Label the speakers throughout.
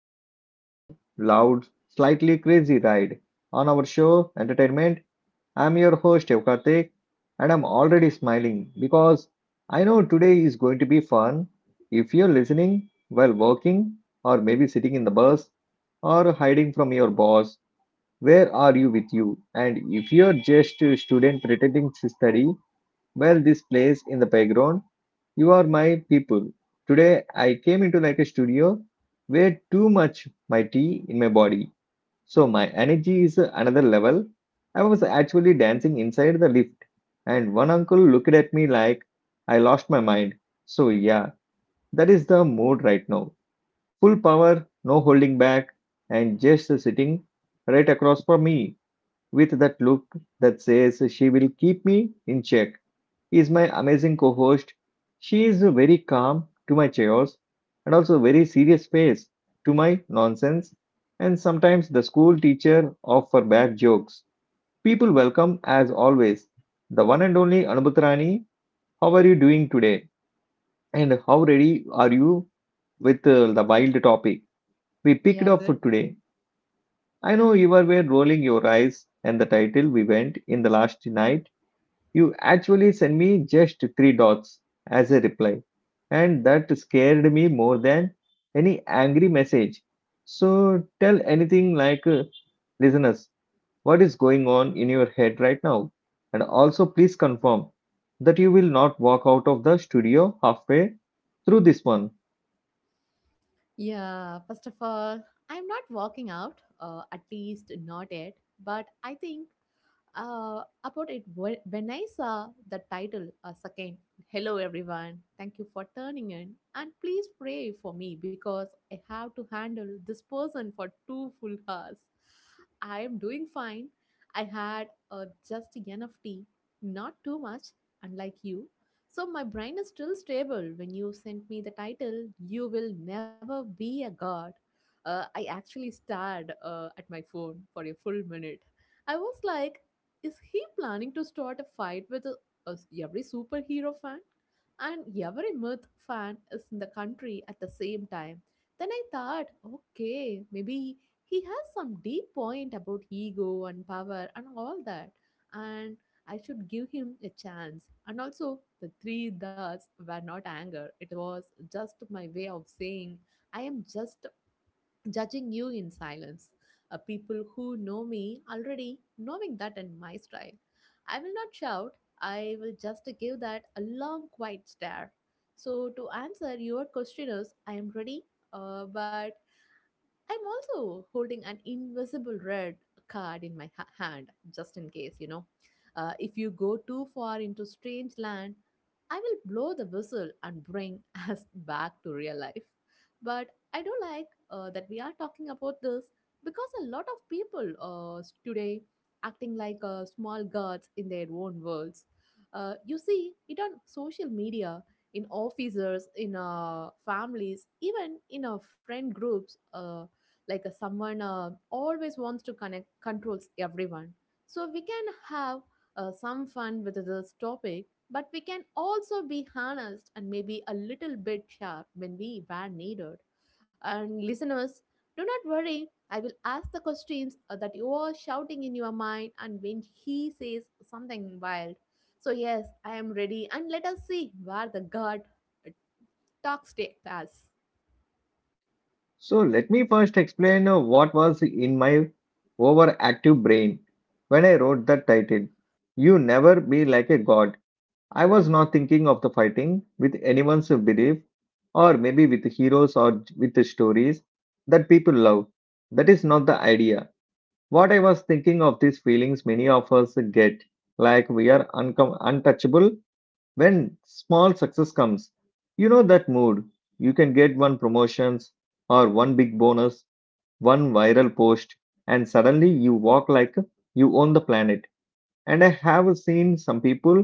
Speaker 1: another long, loud, slightly crazy ride on our show Entertainment. I'm your host Evkartik and I'm already smiling because I know today is going to be fun. If you're listening while working or maybe sitting in the bus or hiding from your boss, where are you with you? And if you're just a student pretending to study, well, this plays in the background. You are my people. Today I came into like a studio where too much my tea in my body. So my energy is another level. I was actually dancing inside the lift and one uncle looked at me like I lost my mind. So yeah, that is the mood right now. Full power, no holding back and just sitting right across from me with that look that says she will keep me in check is my amazing co host. She is very calm to my chaos and also very serious face to my nonsense and sometimes the school teacher of her bad jokes. People welcome as always the one and only Anubhutrani. How are you doing today? And how ready are you with the wild topic we
Speaker 2: Yeah,
Speaker 1: picked
Speaker 2: good.
Speaker 1: up for today? I know you were rolling your eyes and the title we went in the last night. You actually sent me just three dots as a reply, and that scared me more than any angry message. So tell anything listeners, what is going on in your head right now? And also, please confirm that you will not walk out of the studio halfway through this one.
Speaker 2: Yeah, first of all, I'm not walking out, at least not yet. But I think when I saw the title, second, hello everyone, thank you for turning in, and please pray for me because I have to handle this person for 2 full hours. I am doing fine. I had just enough tea, not too much, unlike you. So my brain is still stable. When you sent me the title, you will never be a god. I actually stared at my phone for a full minute. I was like, is he planning to start a fight with a- every superhero fan and every myth fan is in the country at the same time? Then I thought, okay, maybe he has some deep point about ego and power and all that, and I should give him a chance. And also, the three dots were not anger, it was just my way of saying I am just judging you in silence. People who know me already knowing that in my style. I will not shout, I will just give that a long, quiet stare. So, to answer your questioners, I am ready, but I'm also holding an invisible red card in my hand, just in case. If you go too far into strange land, I will blow the whistle and bring us back to real life. But I do like that we are talking about this because a lot of people today acting like small gods in their own worlds. You see it on social media, in officers, in families, even in our friend groups. Like someone always wants to connect controls everyone so we can have some fun with this topic, but we can also be honest and maybe a little bit sharp when we were needed. And listeners, do not worry, I will ask the questions that you are shouting in your mind, and when he says something wild. So yes, I am ready, and let us see where the god uh, talks takes us.
Speaker 1: So let me first explain what was in my overactive brain when I wrote that title. You never be like a god. I was not thinking of the fighting with anyone's belief, or maybe with heroes or with the stories that people love. That is not the idea. What I was thinking of these feelings many of us get, like we are untouchable when small success comes. You know that mood. You can get one promotions or one big bonus, one viral post, and suddenly you walk like you own the planet and I have seen some people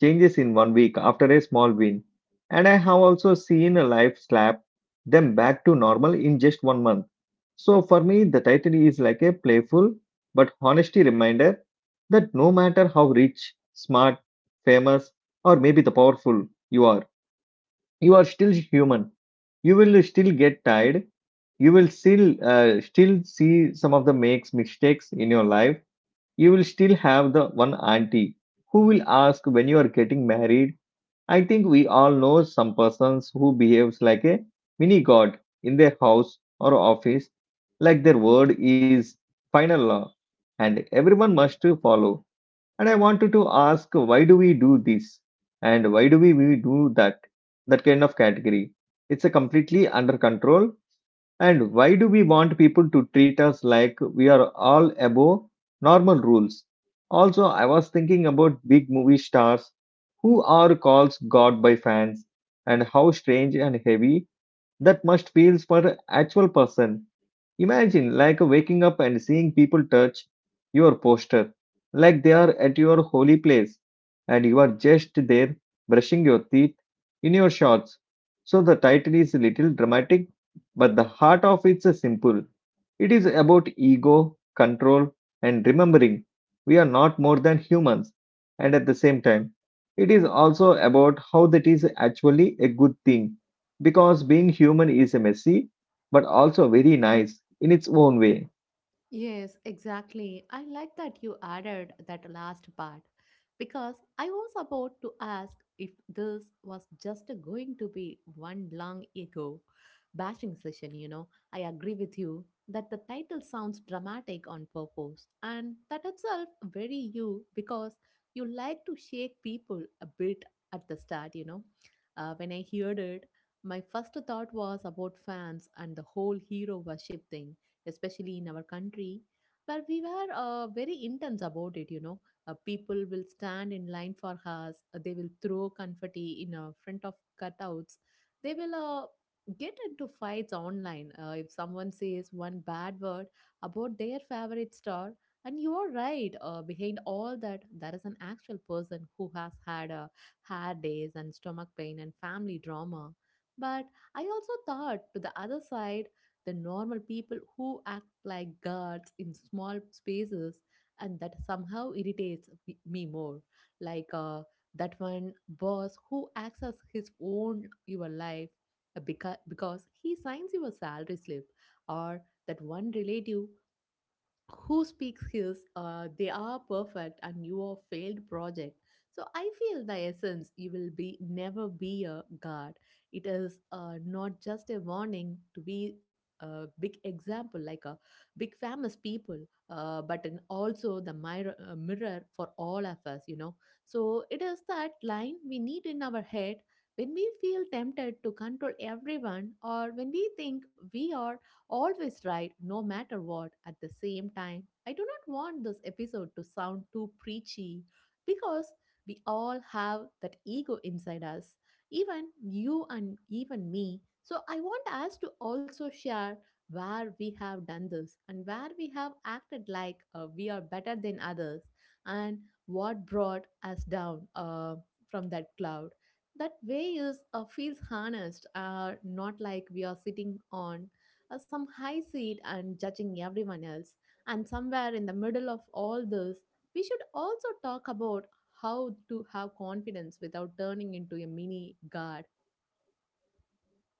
Speaker 1: changes in 1 week after a small win. And I have also seen a life slap them back to normal in just 1 month. So for me, the title is like a playful but honesty reminder that no matter how rich, smart, famous, or maybe the powerful you are still human. You will still get tired. You will still see some of the makes mistakes in your life. You will still have the one auntie who will ask when you are getting married. I think we all know some persons who behaves like a mini god in their house or office, like their word is final law and everyone must to follow. And I wanted to ask why do we do this and why do we do that? That kind of category. It's a completely under control and why do we want people to treat us like we are all above normal rules? Also, I was thinking about big movie stars who are called God by fans and how strange and heavy that must feel for an actual person. Imagine like waking up and seeing people touch your poster like they are at your holy place and you are just there brushing your teeth in your shorts. So the title is a little dramatic, but the heart of it's a simple. It is about ego, control, and remembering we are not more than humans. And at the same time, it is also about how that is actually a good thing because being human is a messy but also very nice in its own way.
Speaker 2: Yes, exactly. I like that you added that last part because I was about to ask if this was just going to be one long ego bashing session. I agree with you that the title sounds dramatic on purpose, and that itself very you because you like to shake people a bit at the start. When I heard it, my first thought was about fans and the whole hero worship thing, especially in our country, where we were very intense about it. You know, people will stand in line for us, they will throw confetti in front of cutouts, they will get into fights online. If someone says one bad word about their favorite star, and you are right, behind all that, there is an actual person who has had a hair days and stomach pain and family drama. But I also thought to the other side, the normal people who act like gods in small spaces, and that somehow irritates me more, like that one boss who acts as his own your life because he signs your salary slip, or that one relative who speaks his they are perfect and you are failed project. So I feel the essence, you will be never be a god. It is not just a warning to be a big example like a big famous people, but in also the mirror, mirror for all of us, you know. So it is that line we need in our head when we feel tempted to control everyone, or when we think we are always right no matter what. At the same time, I do not want this episode to sound too preachy, because we all have that ego inside us, even you and even me. So I want us to also share where we have done this, and where we have acted like we are better than others, and what brought us down from that cloud. That way is feels harnessed, not like we are sitting on some high seat and judging everyone else. And somewhere in the middle of all this, we should also talk about how to have confidence without turning into a mini god.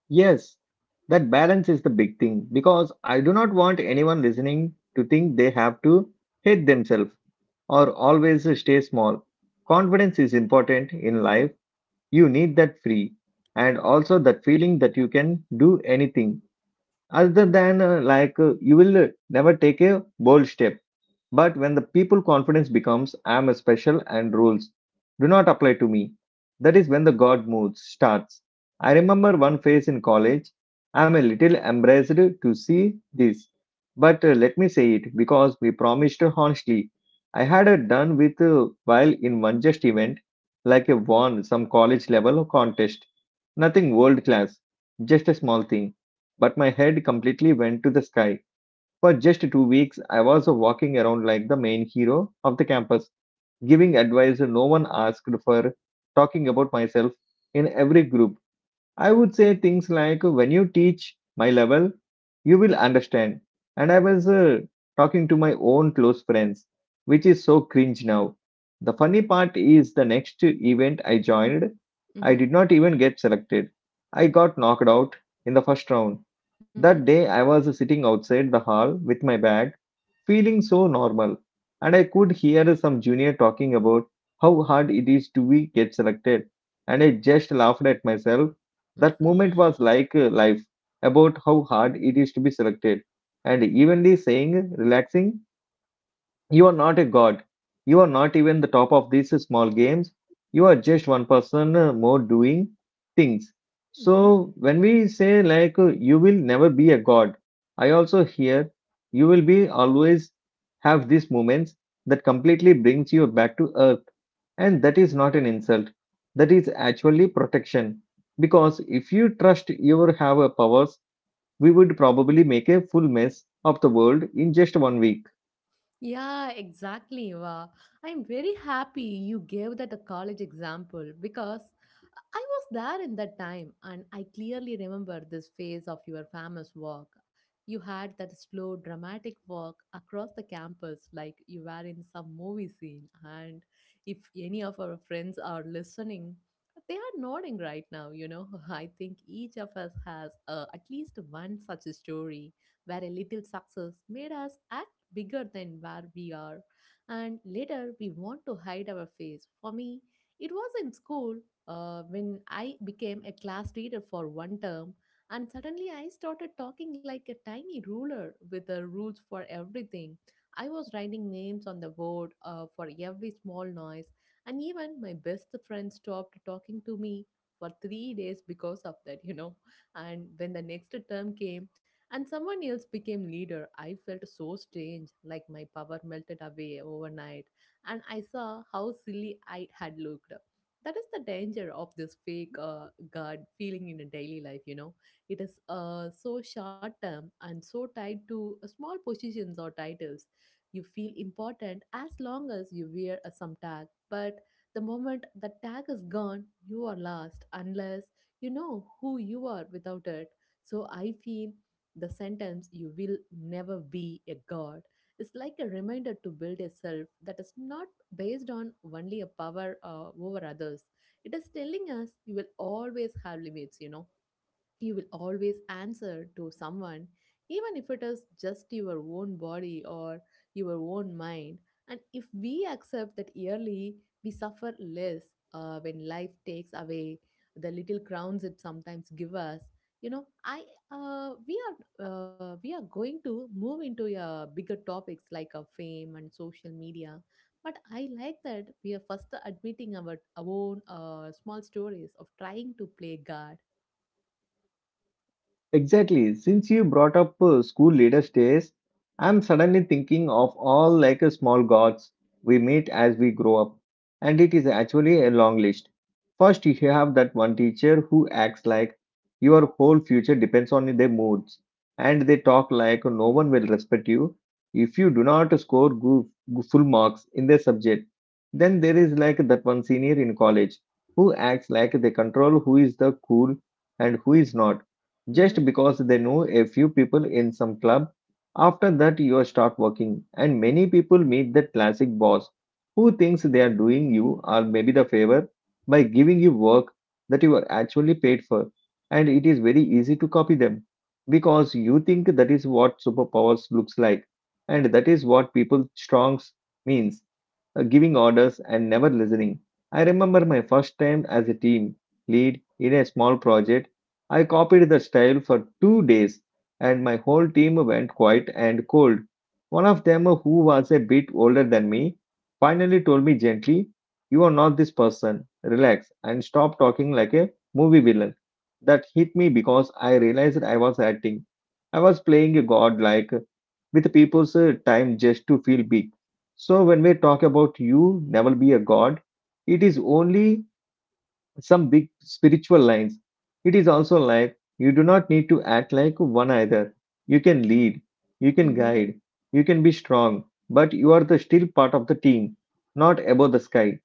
Speaker 1: Yes, that balance is the big thing because I do not want anyone listening to think they have to hate themselves or always stay small. Confidence is important in life. You need that free and also that feeling that you can do anything other than you will never take a bold step. But when the people confidence becomes I am special and rules do not apply to me, that is when the God mood starts. I remember one phase in college. I am a little embarrassed to see this, but let me say it because we promised honestly. I had done with while in one just event, like a won some college level contest. Nothing world class, just a small thing. But my head completely went to the sky for just 2 weeks. I was walking around like the main hero of the campus, giving advice no one asked for, talking about myself in every group. I would say things like, when you teach my level, you will understand. And I was talking to my own close friends, which is so cringe now. The funny part is the next event I joined, I
Speaker 2: Mm-hmm.
Speaker 1: did not even get selected. I got knocked out in the first round.
Speaker 2: Mm-hmm.
Speaker 1: That day, I was sitting outside the hall with my bag, feeling so normal, and I could hear some junior talking about how hard it is to be get selected, and I just laughed at myself. That moment was life, about how hard it is to be selected, and evenly saying relaxing you are not a god. You are not even the top of these small games. You are just one person more doing things.
Speaker 2: Mhm.
Speaker 1: So when we say you will never be a god, I also hear you will be always have these moments that completely brings you back to earth and that is not an insult. That is actually protection because if you trust your have a powers, we would probably make a full mess of the world in just 1 week.
Speaker 2: Yeah, exactly. Wow. I'm very happy you gave that a college example, because I was there in that time and I clearly remember this phase of your famous walk. You had that slow, dramatic walk across the campus like you were in some movie scene. And if any of our friends are listening, they are nodding right now. I think each of us has at least one such a story where a little success made us act bigger than where we are, and later we want to hide our face. For me, it was in school when I became a class leader for one term, and suddenly I started talking like a tiny ruler with the rules for everything. I was writing names on the board for every small noise, and even my best friend stopped talking to me for 3 days because of that. And when the next term came, and someone else became leader. I felt so strange, like my power melted away overnight, and I saw how silly I had looked. That is the danger of this fake God feeling in a daily life. It is so short term and so tied to small positions or titles. You feel important as long as you wear a some tag, but the moment the tag is gone, you are lost unless you know who you are without it. So I feel the sentence, you will never be a god, is like a reminder to build a self that is not based on only a power over others. It is telling us you will always have limits, you will always answer to someone, even if it is just your own body or your own mind. And if we accept that yearly, we suffer less when life takes away the little crowns it sometimes give us. You know, I we are going to move into bigger topics like fame and social media, but I like that we are first admitting our own small stories of trying to play God.
Speaker 1: Exactly. Since you brought up school leaders days, I'm suddenly thinking of all small gods we meet as we grow up. And it is actually a long list. First, you have that one teacher who acts like your whole future depends on their moods. And they talk like no one will respect you if you do not score full marks in their subject. Then there is like that one senior in college who acts like they control who is the cool and who is not just because they know a few people in some club. After that, you start working, and many people meet the classic boss who thinks they are doing you or maybe the favor by giving you work that you are actually paid for. And it is very easy to copy them because you think that is what superpowers looks like, and that is what people strongs means giving orders and never listening. I remember my first time as a team lead in a small project. I copied the style for 2 days and my whole team went quiet and cold. One of them, who was a bit older than me, finally told me gently, you are not this person. Relax and stop talking like a movie villain. That hit me because I realized I was acting. I was playing a god like with people's time just to feel big. So when we talk about you never be a god, it is only some big spiritual lines. It is also like you do not need to act like one either. You can lead, you can
Speaker 2: Hmm.
Speaker 1: guide, you can be strong, but you are the still part of the team, not above the sky.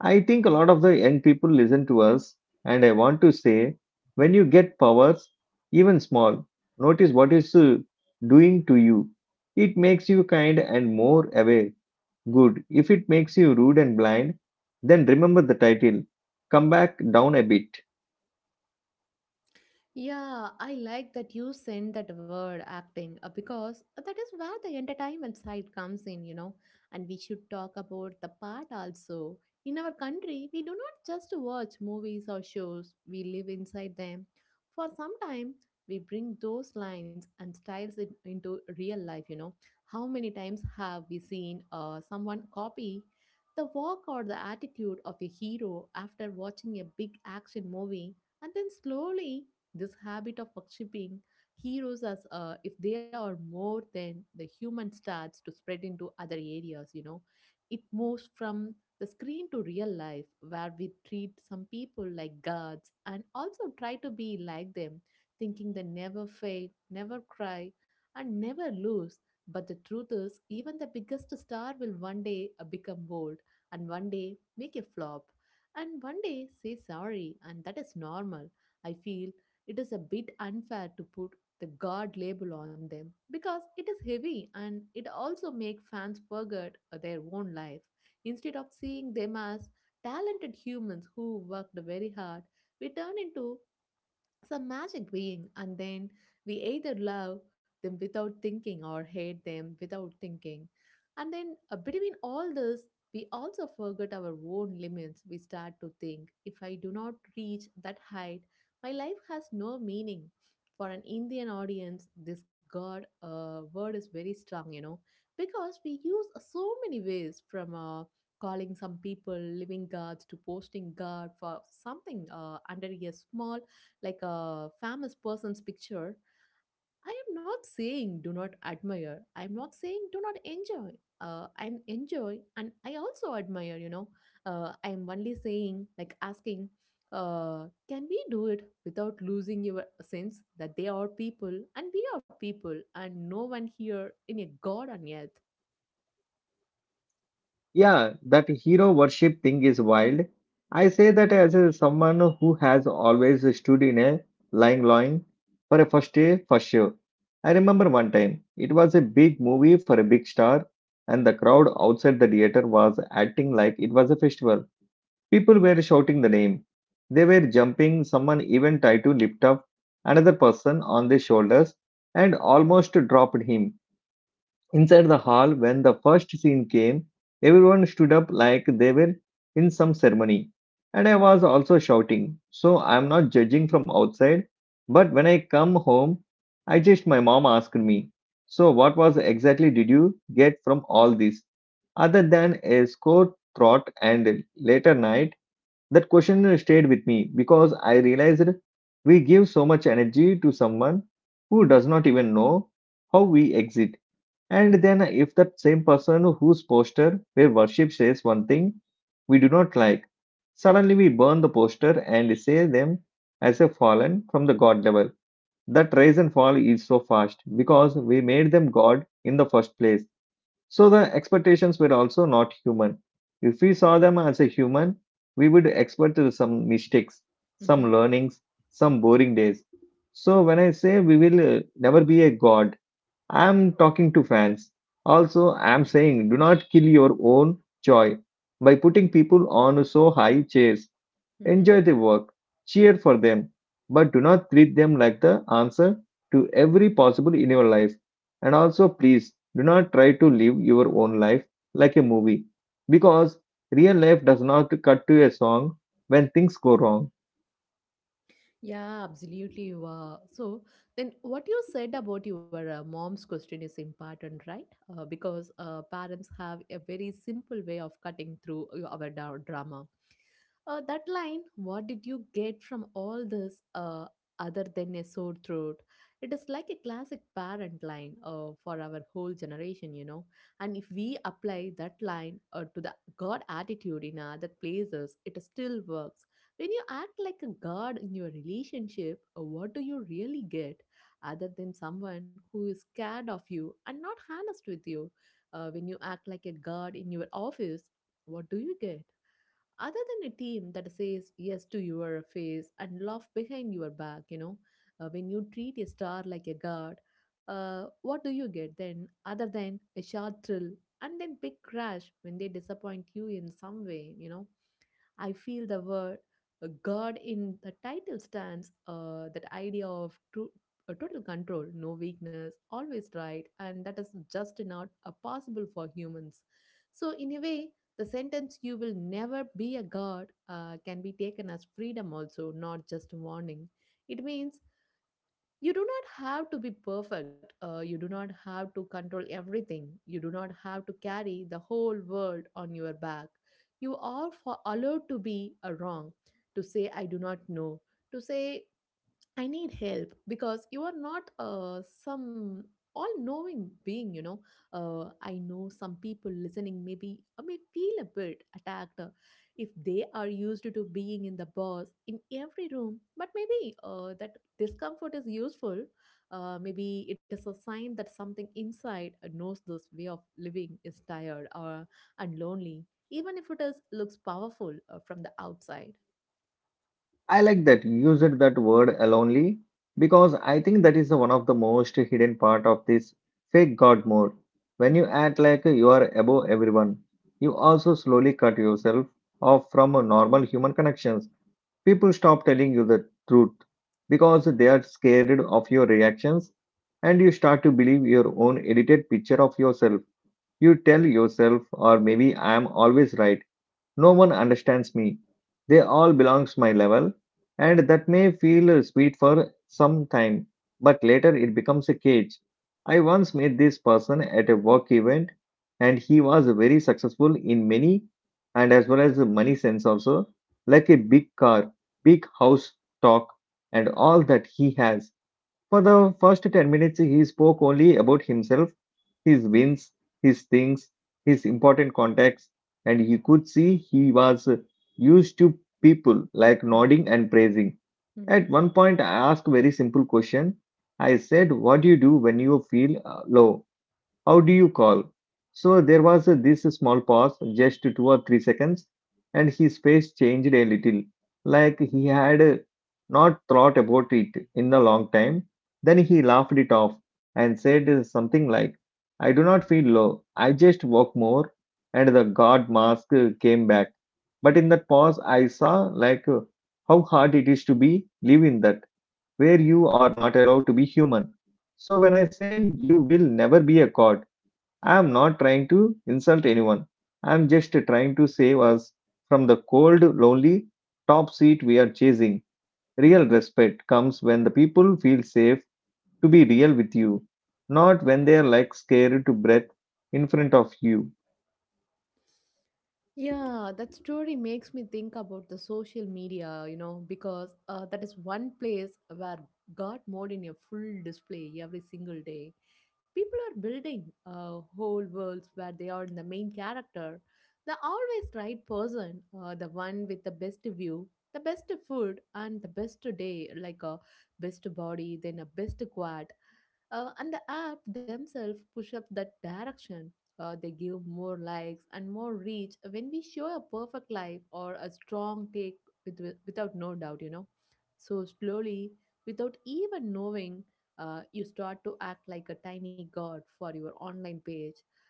Speaker 1: I think a lot of the young people listen to us, and I want to say when you get powers, even small, notice what is doing to you. It makes you kind and more aware. Good. If it makes you rude and blind, then remember the title. Come back down a bit.
Speaker 2: Yeah, I like that you sent that word acting because that is where the entertainment side comes in. And we should talk about the part also. In our country, we do not just watch movies or shows, we live inside them. For some time, we bring those lines and styles in, into real life. How many times have we seen someone copy the walk or the attitude of a hero after watching a big action movie? And then slowly this habit of worshipping heroes as if they are more than the human starts to spread into other areas. It moves from the screen to real life, where we treat some people like gods and also try to be like them, thinking they never fail, never cry, and never lose. But the truth is, even the biggest star will one day become old, and one day make a flop, and one day say sorry, and that is normal. I feel it is a bit unfair to put the god label on them, because it is heavy and it also makes fans forget their own life instead of seeing them as talented humans who worked very hard. We turn into some magic being, and then we either love them without thinking or hate them without thinking. And then between all this, we also forget our own limits. We start to think, if I do not reach that height, my life has no meaning. For an Indian audience, this god word is very strong, because we use so many ways, from calling some people living gods to posting god for something under a small like a famous person's picture. I am not saying do not admire. I am not saying do not enjoy. I am enjoy and I also admire. I am only saying, like asking, can we do it without losing your sense that they are people and we are people and no one here in a God on earth?
Speaker 1: Yeah, that hero worship thing is wild. I say that as a, someone who has always stood in a lying line for a first day for sure. I remember one time, it was a big movie for a big star, and the crowd outside the theater was acting like it was a festival. People were shouting the name. They were jumping. Someone even tried to lift up another person on their shoulders and almost dropped him. Inside the hall, when the first scene came, everyone stood up like they were in some ceremony. And I was also shouting. So I'm not judging from outside. But when I come home, I just, my mom asked me, so what was exactly did you get from all this? Other than a sore throat and later night that question stayed with me because I realized we give so much energy to someone who does not even know how we exit. And then, if that same person whose poster where worship says one thing we do not like, suddenly we burn the poster and say them as a fallen from the God level. That rise and fall is so fast because we made them God in the first place, so the expectations were also not human. If we saw them as a human, we would expect some mistakes, some
Speaker 2: Mm-hmm.
Speaker 1: learnings, some boring days. So when I say we will never be a god, I am talking to fans. Also, I am saying do not kill your own joy by putting people on so high chairs.
Speaker 2: Mm-hmm.
Speaker 1: Enjoy the work, cheer for them, but do not treat them like the answer to every possible in your life. And also, please do not try to live your own life like a movie, because real life does not cut to a song when things go wrong.
Speaker 2: Yeah, absolutely. You are. So then, what you said about your mom's question is important, right? Because parents have a very simple way of cutting through our drama. That line, what did you get from all this other than a sore throat? It is like a classic parent line for our whole generation, you know. And if we apply that line to the God attitude in other places, it still works. When you act like a God in your relationship, what do you really get other than someone who is scared of you and not honest with you? When you act like a God in your office, what do you get, other than a team that says yes to your face and laugh behind your back, you know? When you treat a star like a god, what do you get then, other than a short thrill and then big crash when they disappoint you in some way, you know? I feel the word God in the title stands that idea of true, total control, no weakness, always right, and that is just not possible for humans. So, in a way, the sentence you will never be a god can be taken as freedom also, not just a warning. It means you do not have to be perfect. You do not have to control everything. You do not have to carry the whole world on your back. You are for allowed to be a wrong, to say I do not know, to say I need help because you are not some all knowing being, you know. I know some people listening maybe may feel a bit attacked, if they are used to being in the boss in every room, but maybe that discomfort is useful. Maybe it is a sign that something inside knows this way of living is tired or and lonely, even if it is looks powerful from the outside.
Speaker 1: I like that you used that word alonely, because I think that is one of the most hidden part of this fake God mode. When
Speaker 2: Mhm.
Speaker 1: you act like you are above everyone, you also slowly cut yourself off from normal human connections. People stop telling you the truth because they are scared of your reactions, and you start to believe your own edited picture of yourself. You tell yourself, or maybe I am always right, no one understands me. They all belong to my level, and that may feel sweet for some time, but later it becomes a cage. I once met this person at a work event, and he was very successful in many and as well as money sense also, like a big car, big house, talk, and all that he has. For the first 10 minutes, he spoke only about himself, his wins, his things, his important contacts, and he could see he was used to people like
Speaker 2: Mhm.
Speaker 1: nodding and praising. At
Speaker 2: Mhm.
Speaker 1: one point, I asked a very simple question. I said, "What do you do when you feel low? How do you call?" So there was this small pause, just 2 or 3 seconds, and his face changed a little, like he had not thought about it in a long time. Then he laughed it off and said something like, "I do not feel low, I just walk more." And the God mask came back. But in that pause, I saw how hard it is to be live in that where you are not allowed to be human. So when I say you will never be a god, I'm not trying to insult anyone. I'm just trying to save us from the cold, lonely top seat we are chasing. Real
Speaker 2: Mhm.
Speaker 1: respect comes when the people feel safe to be real with you, not when they are like scared to breath in front of you.
Speaker 2: Yeah, that story makes me think about the social media, you know, because that is one place where God mode in a full display every single day. People are building whole worlds where they are the main character, the always right person, the one with the best view, the best food, and the best day, like a best body, then a best quad. And the app themselves push up that direction. They give more likes and more reach when we show a perfect life or a strong take without no doubt, you know. So slowly, without even knowing, you start to act like a tiny god for your online page.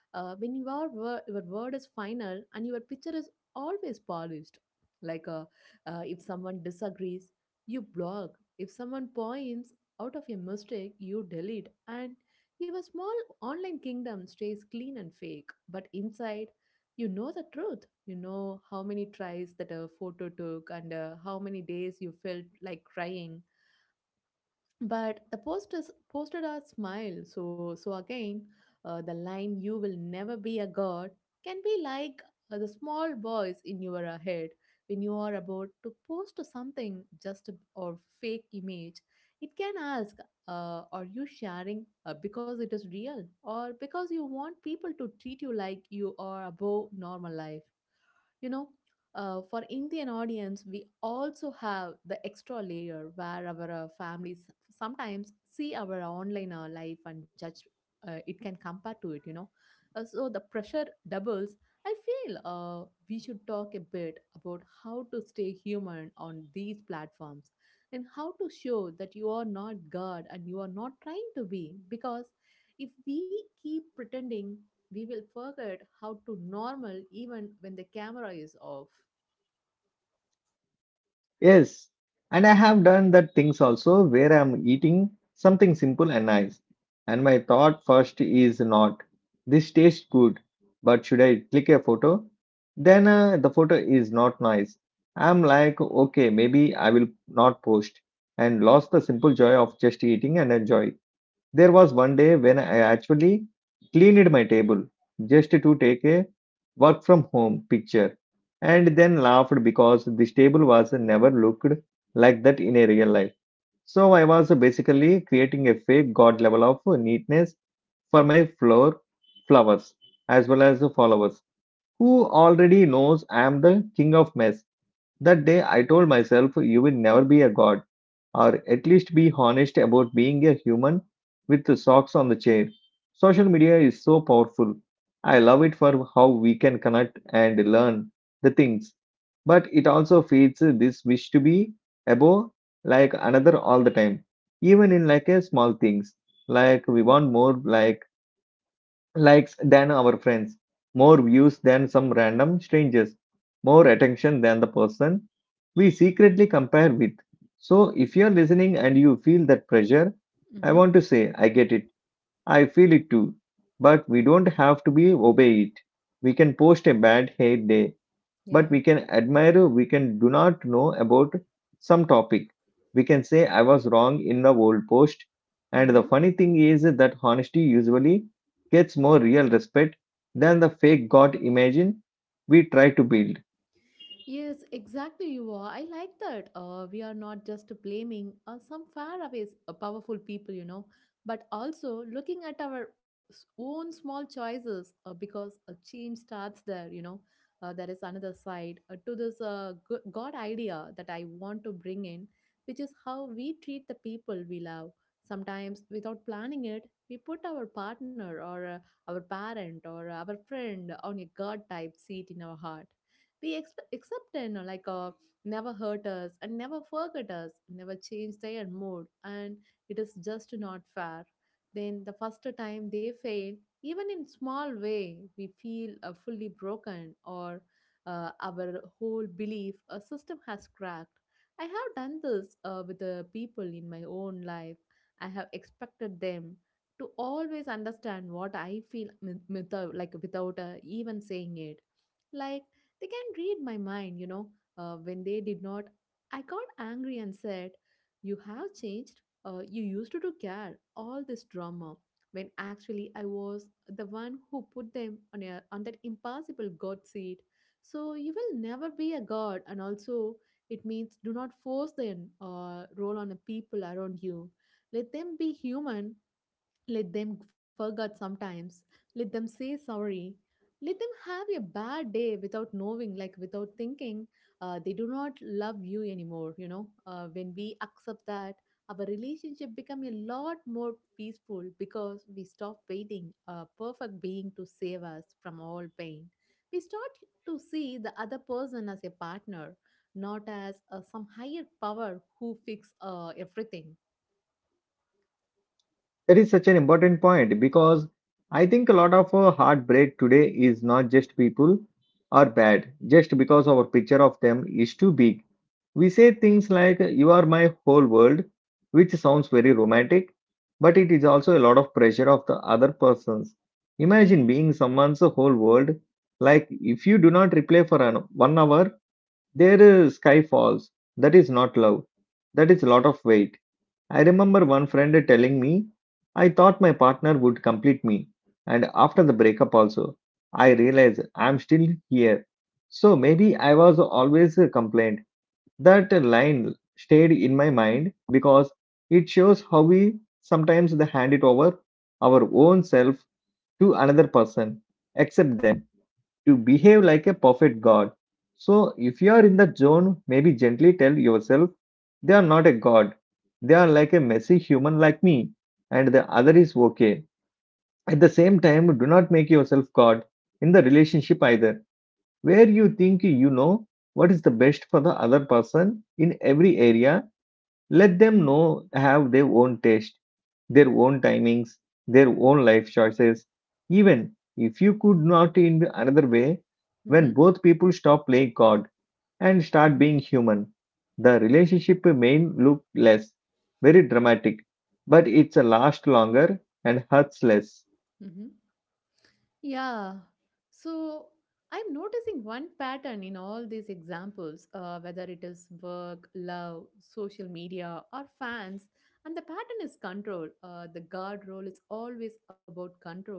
Speaker 2: When your word is final and your picture is always polished, like uh, if someone disagrees, you block. If someone points out of a mistake, you delete. And your small online kingdom stays clean and fake. But inside, you know the truth. You know how many tries that a photo took and how many days you felt like crying but the posters posted a smile so again. Uh, the line you will never be a god can be like the small voice in your head when you are about to post something or fake image. It can ask, are you sharing because it is real or because you want people to treat you like you are above normal life, you know? Uh, for Indian audience, we also have the extra layer where our families sometimes see our online life and judge, it can compare to it. You know, so the pressure doubles. I feel we should talk a bit about how to stay human on these platforms and how to show that you are not God and you are not trying to be. Because if we keep pretending we will forget how to normal even when the camera is off.
Speaker 1: Yes, and I have done that things also where I'm eating something simple and nice. And my thought first is not, this tastes good, but should I click a photo? Then the photo is not nice. I'm like, okay, maybe I will not post and lost the simple joy of just eating and enjoying. There was one day when I actually cleaned my table just to take a work from home picture, and then laughed because this table was never looked like that in a real life. So I was basically creating a fake god level of neatness for my floor flowers as well as the followers who already knows I am the king of mess. That day I told myself, you will never be a god, or at least be honest about being a human with the socks on the chair. Social media is so powerful. I love it for how we can connect and learn the things, but it also feeds this wish to be above like another all the time, even in like a small things. Like we want more likes than our friends, more views than some random strangers, more attention than the person we secretly compare with. So, if you're listening and you feel that pressure, I
Speaker 2: Mm-hmm.
Speaker 1: want to say, I get it. I feel it too. But we don't have to be obey it. We can post a bad hair day, but
Speaker 2: Yeah.
Speaker 1: we can admire, we can do not know about some topic, we can say I was wrong in the old post, and the
Speaker 2: Mm-hmm.
Speaker 1: funny thing is that honesty usually gets more real respect than the fake god imagine we try to build.
Speaker 2: Yes, exactly. You are. I like that. We are not just blaming some faraway powerful people, you know, but also looking at our own small choices because a change starts there, you know. There is another side to this God idea that I want to bring in, which is how we treat the people we love. Sometimes, without planning it, we put our partner or our parent or our friend on a God type seat in our heart. We accept, you know, like never hurt us and never forget us, never change their mood, and it is just not fair. Then the first time they fail, even in small way, we feel fully broken or our whole belief a system has cracked. I have done this with the people in my own life. I have expected them to always understand what I feel with, like without even saying it. Like they can read my mind, you know. When they did not, I got angry and said, you have changed. You used to care all this drama. When actually I was the one who put them on, a, on that impossible God seat. So you will never be a God. And also, it means do not force them role on the people around you. Let them be human, let them forget sometimes. Let them say sorry. Let them have a bad day without knowing, like without thinking, they do not love you anymore. You know, when we accept that, our relationship become a lot more peaceful because we stop waiting a perfect being to save us from all pain. We start to see the other person as a partner, not as some higher power who fix everything.
Speaker 1: That is such an important point, because I think a lot of heartbreak today is not just people are bad, just because our picture of them is too big. We say things like, "You are my whole world," which sounds very romantic, but it is also a lot of pressure of the other persons. Imagine being someone's whole world. Like, if you do not reply for 1 hour, their sky falls. That is not love. That is a lot of weight. I remember one friend telling me, "I thought my partner would complete me. And after the breakup, also, I realized I'm still here. So maybe I was always a complaint." That line stayed in my mind because it shows how we sometimes they hand it over our own self to another person, accept them to behave like a perfect god. So, if you are in that zone, maybe gently tell yourself, they are not a god, they are like a messy human like me, and the other is okay. At the same time, do not make yourself god in the relationship either, where you think you know what is the best for the other person in every area. Let them know have their own taste, their own timings, their own life choices. Even if you could not in another way,
Speaker 2: Hmm.
Speaker 1: when both people stop playing God and start being human, the relationship may look less, very dramatic, but it's a last longer and hurts less.
Speaker 2: Hmm. Yeah. So I'm noticing one pattern in all these examples, whether it is work, love, social media, or fans. And the pattern is control. The guard role is always about control.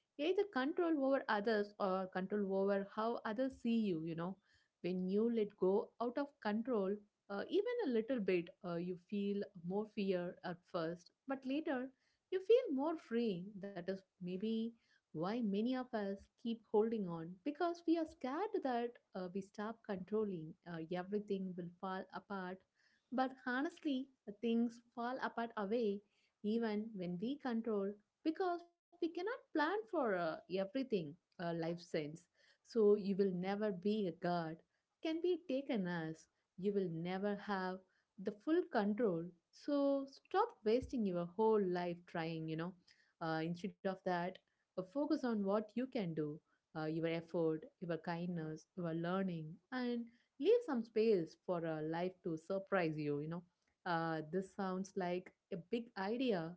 Speaker 2: Either control over others or control over how others see you, you know. When you let go out of control, even a little bit, you feel more fear at first, but later you feel more free. That is maybe why many of us keep holding on because we are scared that we stop controlling everything will fall apart, but honestly things fall apart away even when we control because we cannot plan for everything life sends. So you will never be a god can be taken as you will never have the full control, so stop wasting your whole life trying, you know. Uh, instead of that, focus on what you can do, your effort, your kindness, your learning, and leave some space for life to surprise you. You know, this sounds like a big idea,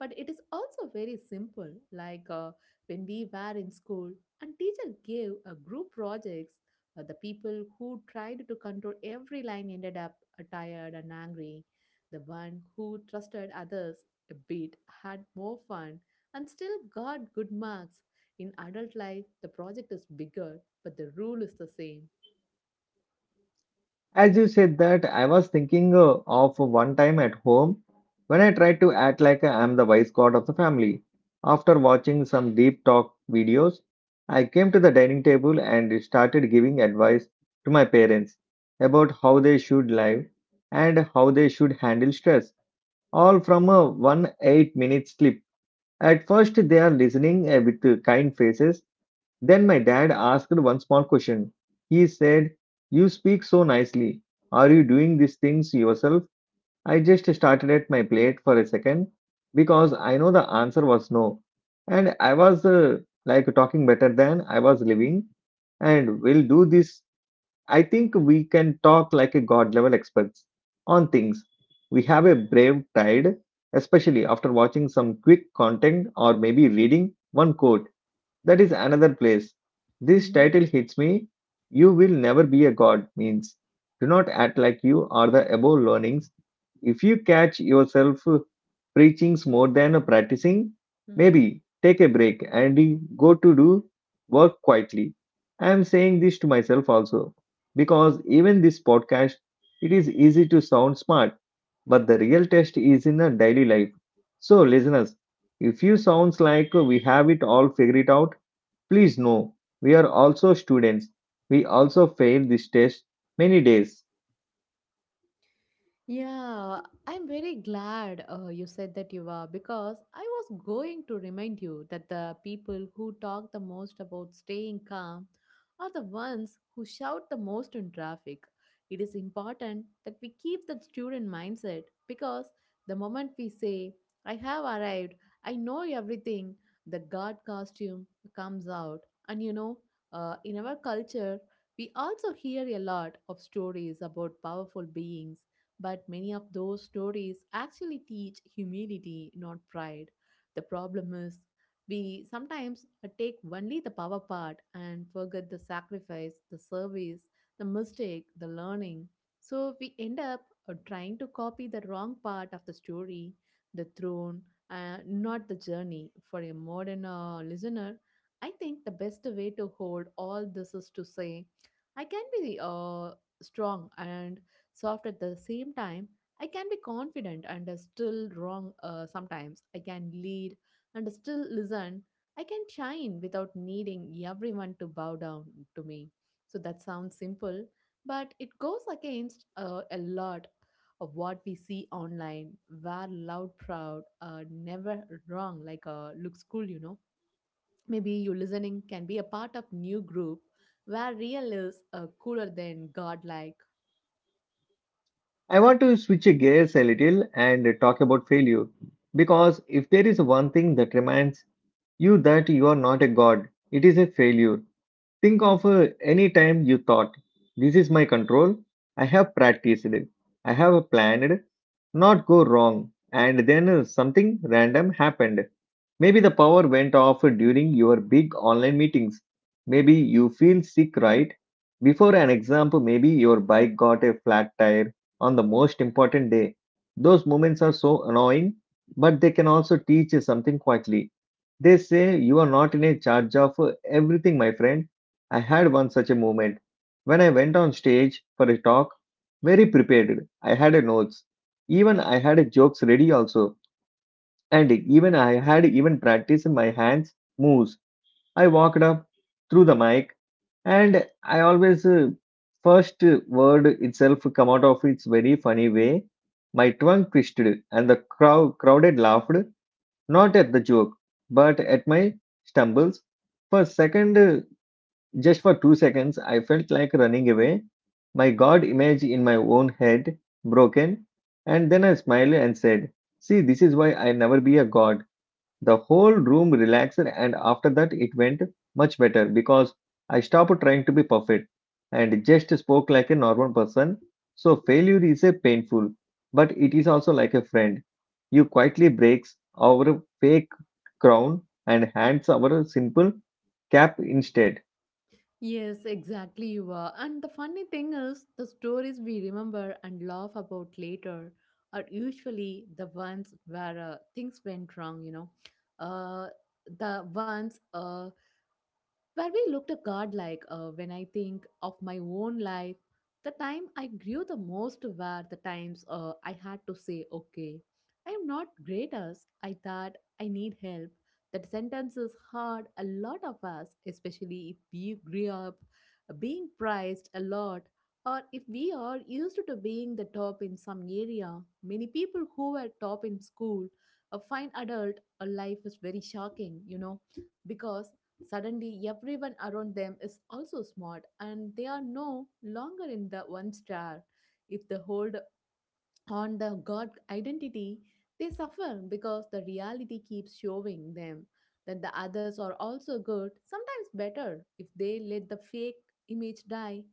Speaker 2: but it is also very simple. When we were in school, and teacher gave a group projects. The people who tried to control every line ended up tired and angry. The one who trusted others a bit had more fun and still got good marks. In adult life, the project is bigger, but the rule is the same.
Speaker 1: As you said that, I was thinking of one time at home when I tried to act like I am the wise god of the family. After watching some deep talk videos, I came to the dining table and started giving advice to my parents about how they should live and how they should handle stress, all from a one 8-minute clip. At first, they are listening with kind faces. Then my dad asked one small question. He said, "You speak so nicely. Are you doing these things yourself?" I just started at my plate for a second, because I know the answer was no. And I was like talking better than I was living. And we'll do this. I think we can talk like a god level experts on things. We have a brave pride, especially after watching some quick content or maybe reading one quote. That is another place this
Speaker 2: Mm-hmm.
Speaker 1: title hits me. You will never be a god means do not act like you are the above learnings. If you catch yourself preachings more than practicing, maybe take a break and go to do work quietly. I am saying this to myself also, because even this podcast, it is easy to sound smart, but the real test is in the daily life. So, listeners, if you sounds like we have it all figured it out, please no, we are also students. We also fail this test many days.
Speaker 2: Yeah, I'm very glad you said that you are because I was going to remind you that the people who talk the most about staying calm are the ones who shout the most in traffic. It is important that we keep that student mindset because the moment we say, I have arrived, I know everything, the guard costume comes out. And you know, in our culture, we also hear a lot of stories about powerful beings, but many of those stories actually teach humility, not pride. The problem is we sometimes take only the power part and forget the sacrifice, the service, the mistake, the learning. So we end up trying to copy the wrong part of the story, the throne, not the journey. For a modern listener, I think the best way to hold all this is to say, I can be strong and soft at the same time. I can be confident and still wrong sometimes. I can lead and still listen. I can shine without needing everyone to bow down to me. So that sounds simple, but it goes against a lot of what we see online, where loud, proud, never wrong, looks cool, you know. Maybe you listening can be a part of new group where real is cooler than godlike.
Speaker 1: I want to switch gears a little and talk about failure. Because if there is one thing that reminds you that you are not a god, it is a failure. Think of any time you thought, this is my control, I have practiced, I have planned, not go wrong, and then something random happened. Maybe the power went off during your big online meetings. Maybe you feel sick right before an exam, maybe your bike got a flat tire on the most important day. Those moments are so annoying, but they can also teach you something quietly. They say, you are not in a charge of everything, my friend. I had one such a moment when I went on stage for a talk, very prepared. I had a notes. Even I had a jokes ready also. And even I had even practiced my hands moves. I walked up through the mic and I always first word itself come out of its very funny way. My tongue twisted and the crowd crowded laughed, not at the joke, but at my stumbles. For a second, just for 2 seconds, I felt like running away. My God image in my own head, broken. And then I smiled and said, "See, this is why I never be a God." The whole room relaxed, and after that, it went much better because I stopped trying to be perfect and just spoke like a normal person. So, failure is a painful, but it is also like a friend. You quietly breaks our fake crown and hands our simple cap instead.
Speaker 2: Yes, exactly you are. And the funny thing is, the stories we remember and laugh about later are usually the ones where things went wrong, you know. Uh, the ones where we looked at God like when I think of my own life, the time I grew the most were the times I had to say, okay, I'm not great as I thought, I need help. That sentence is hard. A lot of us, especially if we grew up being praised a lot, or if we are used to being the top in some area, many people who were top in school, a fine adult, a life is very shocking, you know, because suddenly, everyone around them is also smart and they are no longer in the one star. If the whole on the God identity, they suffer because the reality keeps showing them that the others are also good, sometimes better. If they let the fake image die,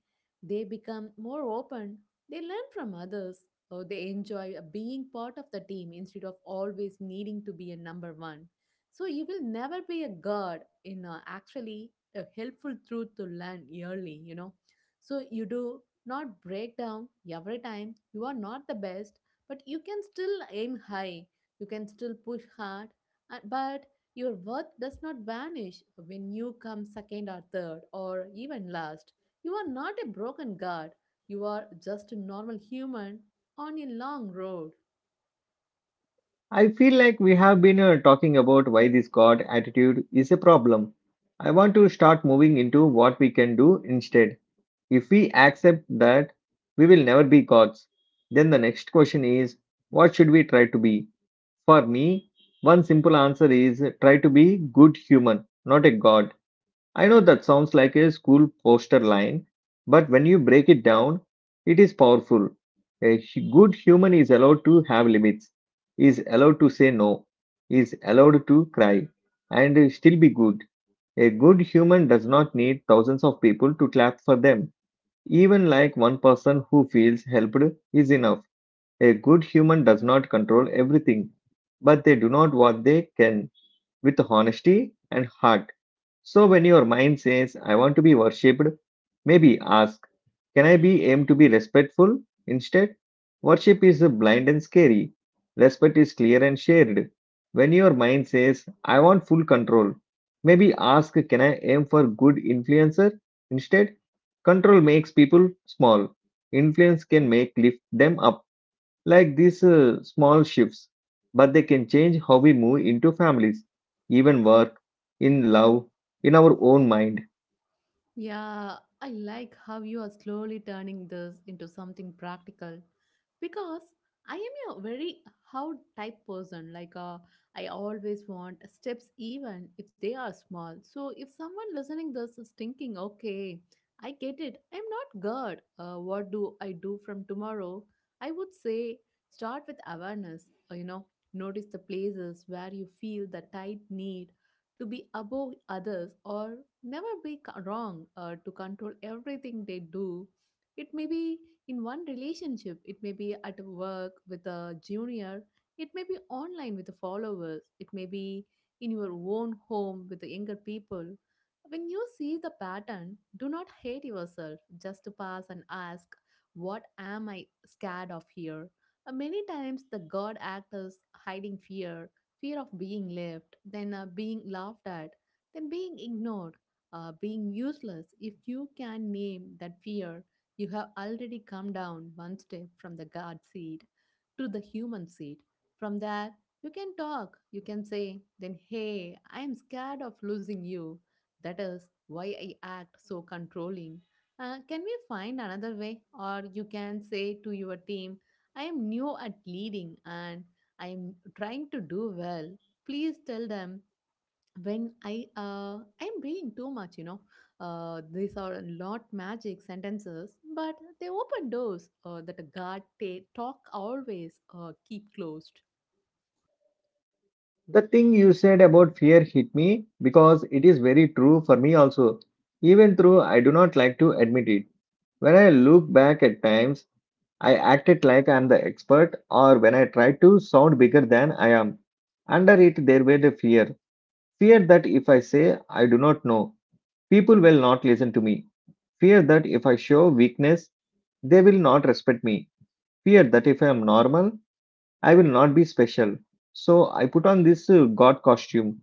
Speaker 2: they become more open, they learn from others, or they enjoy being part of the team instead of always needing to be a number one. So you will never be a god in a, actually a helpful truth to learn yearly, you know. So you do not break down every time you are not the best, but you can still aim high, you can still push hard, but your worth does not vanish when you come second or third or even last. You are not a broken guard, you are just a normal human on a long road.
Speaker 1: I feel like we have been talking about why this God attitude is a problem. I want to start moving into what we can do instead. If we accept that we will never be gods, then the next question is, what should we try to be? For me, one simple answer is try to be good human, not a god. I know that sounds like a school poster line, but when you break it down, it is powerful. A good human is allowed to have limits, is allowed to say no, is allowed to cry, and still be good. A good human does not need thousands of people to clap for them, even like one person who feels helped is enough. A good human does not control everything, but they do not what they can with honesty and heart. So when your mind says, I want to be worshipped, maybe ask, can I be aim to be respectful instead? Worship is blind and scary. Respect is clear and shared. When your mind says, I want full control, maybe ask, can I aim for good influencer instead? Control makes people small. Influence can make lift them up. Like these small shifts, but they can change how we move into families, even work, in love, in our own mind.
Speaker 2: Yeah, I like how you are slowly turning this into something practical because I am a very how type person. Like, I always want steps, even if they are small. So, if someone listening this is thinking, okay, I get it, I'm not God, what do I do from tomorrow? I would say start with awareness, you know, notice the places where you feel the tight need to be above others or never be wrong or to control everything they do. It may be in one relationship, it may be at work with a junior, it may be online with the followers, it may be in your own home with the younger people. When you see the pattern, do not hate yourself. Just pass and ask, what am I scared of here? Many times the God act is hiding fear, fear of being left, then being laughed at, then being ignored, being useless. If you can name that fear, you have already come down one step from the God seat to the human seat. From there, you can talk, you can say, then, hey, I am scared of losing you. That is why I act so controlling. Can we find another way? Or you can say to your team, I am new at leading and I'm trying to do well. Please tell them when I'm being too much, you know. These are not magic sentences, but they open doors that a guard talk always keep closed.
Speaker 1: The thing you said about fear hit me because it is very true for me also. Even though I do not like to admit it, when I look back at times, I acted like I am the expert or when I tried to sound bigger than I am. Under it, there were the fear. Fear that if I say I do not know, people will not listen to me. Fear that if I show weakness, they will not respect me. Fear that if I am normal, I will not be special. So I put on this God costume,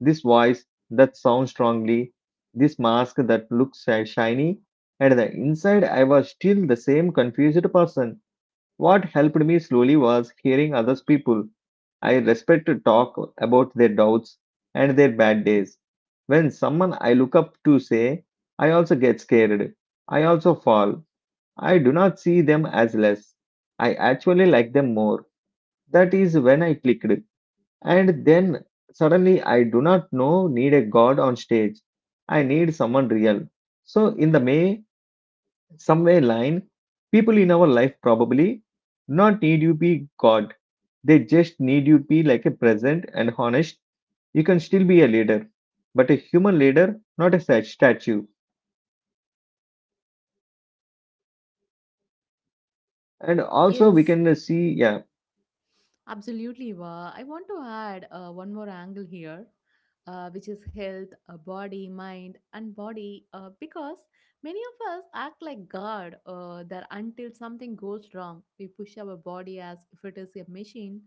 Speaker 1: this voice that sounds strongly, this mask that looks shiny, and the inside I was still the same confused person. What helped me slowly was hearing others people I respect to talk about their doubts and their bad days. When someone I look up to say, I also get scared. I also fall. I do not see them as less. I actually like them more. That is when I clicked. And then suddenly I do not know need a god on stage. I need someone real. So in the May, somewhere line, people in our life probably not need you be god. They just need you be like a present and honest. You can still be a leader, but a human leader, not a statue. And also we
Speaker 2: Yes,
Speaker 1: can see, yeah.
Speaker 2: absolutely, Wa. I want to add one more angle here, which is health, body, mind, and body, because many of us act like God that until something goes wrong, we push our body as if it is a machine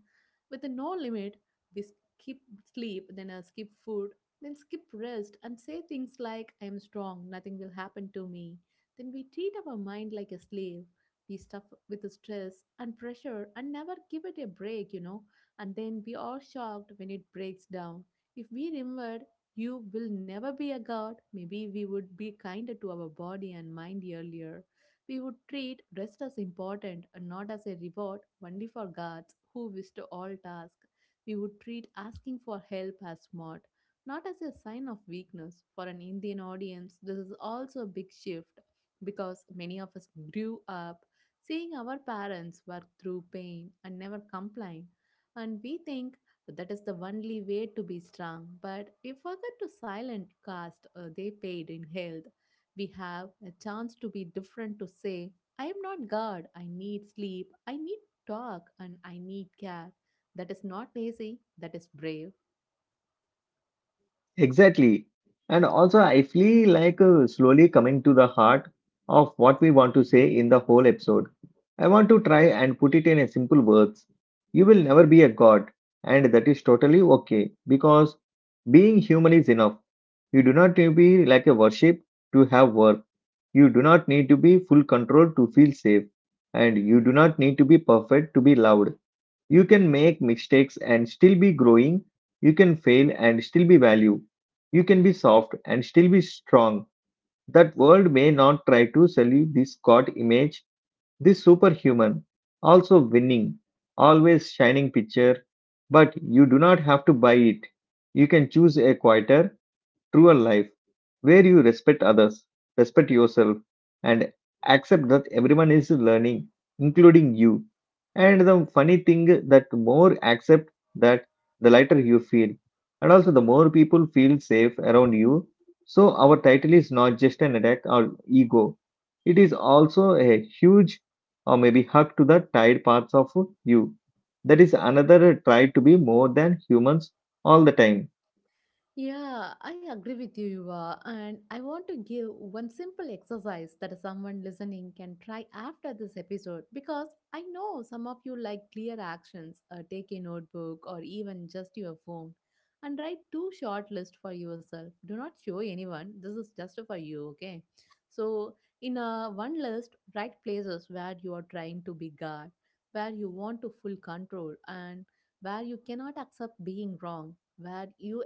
Speaker 2: with a no limit. We skip sleep, then skip food, then skip rest, and say things like, I am strong, nothing will happen to me. Then we treat our mind like a slave, we stuff with the stress and pressure and never give it a break, you know, and then we are shocked when it breaks down. If we remembered you will never be a god, maybe we would be kinder to our body and mind earlier. We would treat rest as important and not as a reward only for gods who wish to all tasks. We would treat asking for help as smart, not as a sign of weakness. For an Indian audience this is also a big shift, because many of us grew up seeing our parents work through pain and never complain, and we think that is the only way to be strong, but we forget to silent cost they paid in health. We have a chance to be different, to say, I am not God, I need sleep, I need talk, and I need care. That is not lazy, that is brave.
Speaker 1: Exactly. And also, I feel like slowly coming to the heart of what we want to say in the whole episode. I want to try and put it in a simple words. You will never be a god, and that is totally okay because being human is enough. You do not need to be like a worship to have worth. You do not need to be full control to feel safe, and you do not need to be perfect to be loved. You can make mistakes and still be growing. You can fail and still be value. You can be soft and still be strong. That world may not try to sell you this God image, this superhuman, also winning, always shining picture, but you do not have to buy it. You can choose a quieter, truer life where you respect others, respect yourself, and accept that everyone is learning, including you. And the funny thing that more accept that, the lighter you feel, and also the more people feel safe around you. So our title is not just an attack or ego; it is also a huge or maybe hug to the tired parts of you. That is another try to be more than humans all the time.
Speaker 2: Yeah, I agree with you, Yuva. And I want to give one simple exercise that someone listening can try after this episode because I know some of you like clear actions. Uh, take a notebook or even just your phone and write two short lists for yourself. Do not show anyone. This is just for you, okay? So, in a one list, write places where you are trying to be God, where you want to full control, and where you cannot accept being wrong, where you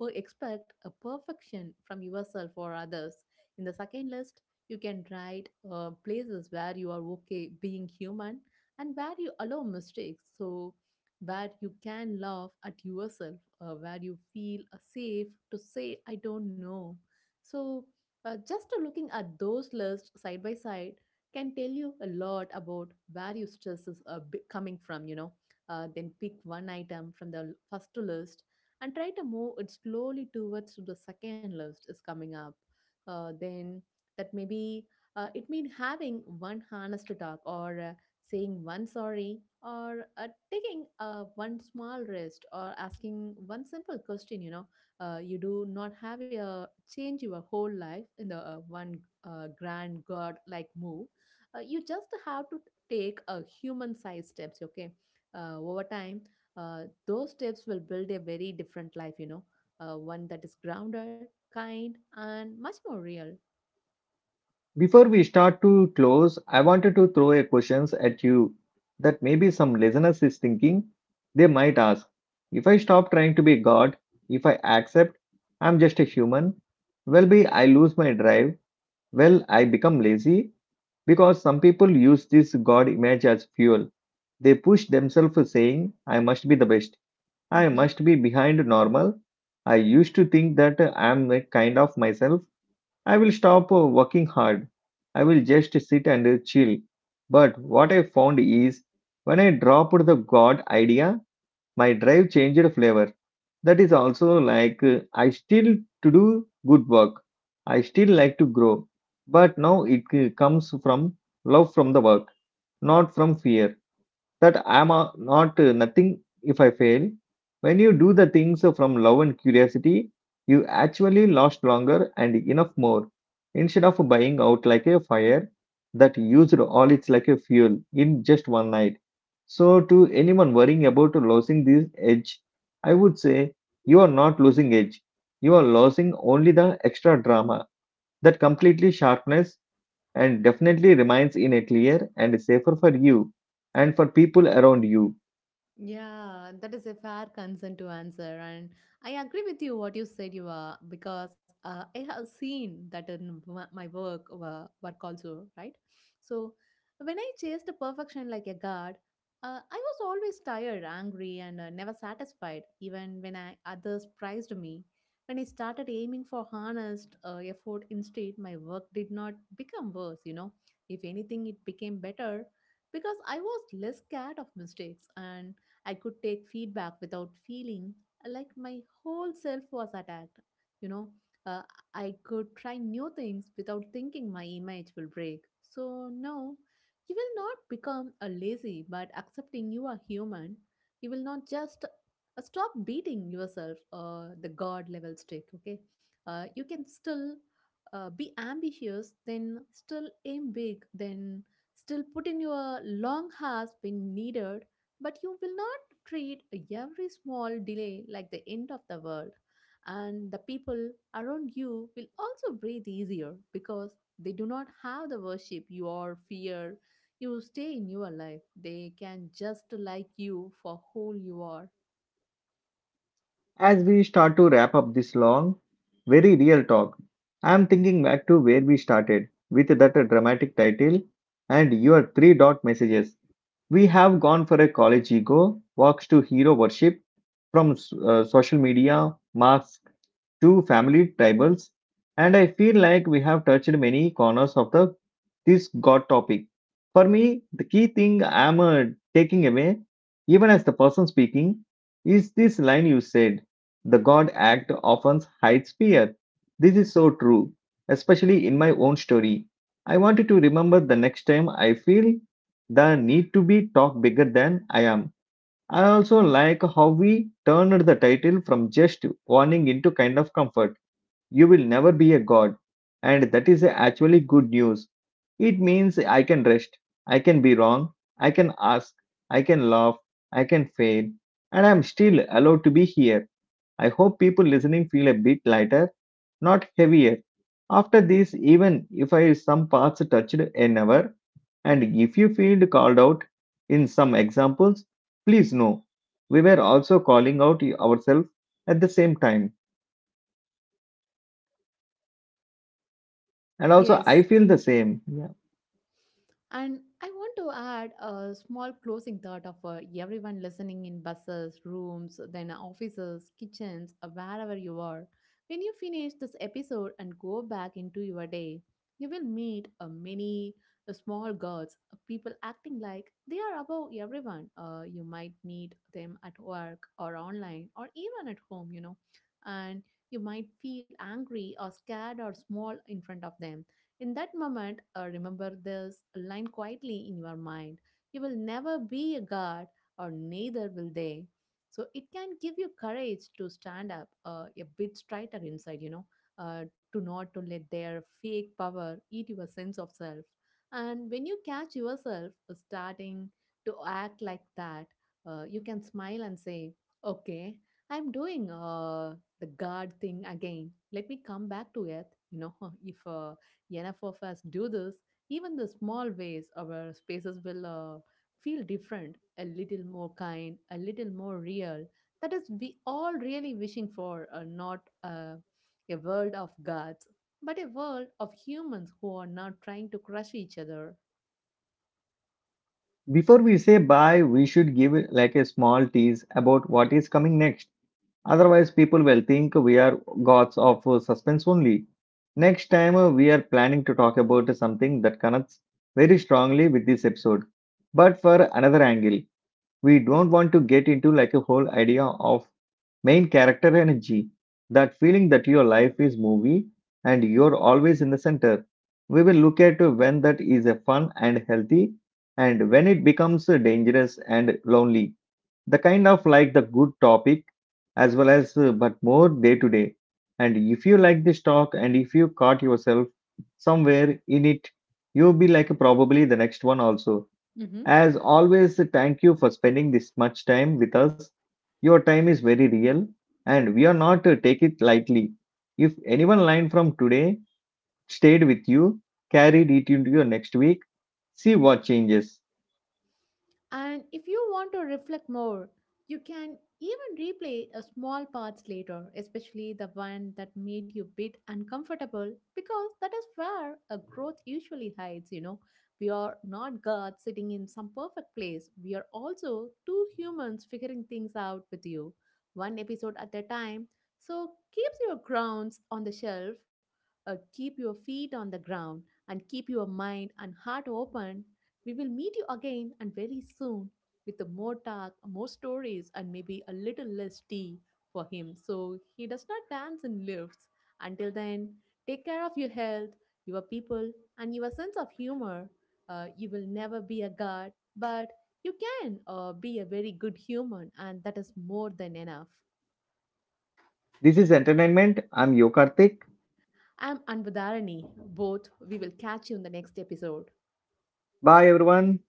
Speaker 2: expect a perfection from yourself or others. In the second list, you can write places where you are okay being human and where you allow mistakes. So, where you can laugh at yourself, where you feel safe to say, I don't know. So, just looking at those lists side by side can tell you a lot about where your stress is coming from, you know. Then pick one item from the first list and try to move it slowly towards the second list is coming up. Then that maybe it mean having one honest talk or saying one sorry or taking one small rest or asking one simple question, you know. You do not have a change your whole life in the one grand god like move. You just have to take a human sized steps, okay? Uh, over time those steps will build a very different life, you know, one that is grounded, kind, and much more real.
Speaker 1: Before we start to close, I wanted to throw a questions at you that maybe some listeners is thinking. They might ask, if I stop trying to be God, if I accept I'm just a human, well be I lose my drive, well I become lazy because some people use this God image as fuel. They push themselves saying, I must be the best. I
Speaker 2: Hmm.
Speaker 1: must be behind normal. I used to think that I am a kind of myself I will stop working hard. I will just sit and chill. But what I found is when I dropped the God idea, my drive changed flavor. That is also like I still to do good work. I still like to grow. But now it comes from love from the work, not from fear that I'm a, not nothing if I fail. When you do the things from love and curiosity, you actually last longer and enough more. Instead of buying out like a fire that used all its like a fuel in just one night. So, to anyone worrying about losing this edge, I would say you are not losing edge. You are losing only the extra drama, that completely sharpness and definitely remains in a clear and safer for you and for people around you.
Speaker 2: Yeah, that is a fair concern to answer, and I agree with you what you said. You are because I have seen that in my work also, right? So when I chased perfection like a god, I was always tired, angry, and never satisfied. Even when I others praised me, when I started aiming for honest effort instead, my work did not become worse. You know, if anything, it became better because I was less scared of mistakes and I could take feedback without feeling like my whole self was attacked. You know, uh, I could try new things without thinking my image will break. So, no, you will not become a lazy, but accepting you are human, you will not just stop beating yourself the god level stick, okay? You can still be ambitious, then still aim big, then still put in your long hours when needed, but you will not treat every small delay like the end of the world. And the people around you will also breathe easier because they do not have the worship your fear. You stay in your life. They can just like you for who you are.
Speaker 1: As we start to wrap up this long, very real talk, I am thinking back to where we started with that dramatic title and your three dot messages. We have gone for a college ego, walks to hero worship from social media, marks to family tribals, and I feel like we have touched many corners of the this God topic. For me, the key thing I'm taking away, even as the person speaking, is this line you said: "The God act often hides fear." This is so true, especially in my own story. I wanted to remember the next time I feel the need to be talk bigger than I am. I also like how we turned the title from just warning into kind of comfort. You will never be a god. And that is actually good news. It means I can rest, I can be wrong, I can ask, I can laugh, I can fail, and I'm still allowed to be here. I hope people listening feel a bit lighter, not heavier, after this, even if I some parts touched a never, and if you feel called out in some examples, please know we were also calling out ourselves at the same time. And also, I
Speaker 2: Yes,
Speaker 1: feel the same. Yeah.
Speaker 2: and I want to add a small closing thought of everyone listening in buses, rooms, then offices, kitchens, wherever you are. When you finish this episode and go back into your day, you will meet many small gods, people acting like they are above everyone. You might meet them at work or online or even at home, you know, and you might feel angry or scared or small in front of them. In that moment, remember this line quietly in your mind. You will never be a god, or neither will they. So it can give you courage to stand up a bit straighter inside, you know, to not to let their fake power eat your sense of self. And when you catch yourself starting to act like that, you can smile and say, "Okay, I'm doing the God thing again. Let me come back to earth." You know, if enough of us do this, even the small ways our spaces will feel different, a little more kind, a little more real. That is, we all really wishing for not a world of gods, but a world of humans who are not trying to crush each other.
Speaker 1: Before we say bye, we should give like a small tease about what is coming next. Otherwise, people will think we are gods of suspense only. Next time, we are planning to talk about something that connects very strongly with this episode, but for another angle. We don't want to get into like a whole idea of main character energy, that feeling that your life is movie and you're always in the center. We will look at when that is a fun and healthy and when it becomes dangerous and lonely. The kind of like the good topic as well as but more day to day. And if you like this talk and if you caught yourself somewhere in it, you'll be like probably the next one also.
Speaker 2: Mm-hmm.
Speaker 1: As always, thank you for spending this much time with us. Your time is very real, and we are not to take it lightly. If anyone line from today stayed with you, carried it into your next week, see what changes.
Speaker 2: And if you want to reflect more, you can even replay a small parts later, especially the one that made you bit uncomfortable, because that is where a growth usually hides, you know. We are not God sitting in some perfect place. We are also two humans figuring things out with you, one episode at a time. So keep your grounds on the shelf, keep your feet on the ground, and keep your mind and heart open. We will meet you again and very soon with a more talk, more stories, and maybe a little less tea for him so he does not dance in lifts. Until then, take care of your health, your people, and your sense of humor. You will never be a god, but you can be a very good human, and that is more than enough.
Speaker 1: This is entertainment. I'm Yokartik.
Speaker 2: I'm Anvadharani. Both, we will catch you in the next episode.
Speaker 1: Bye, everyone.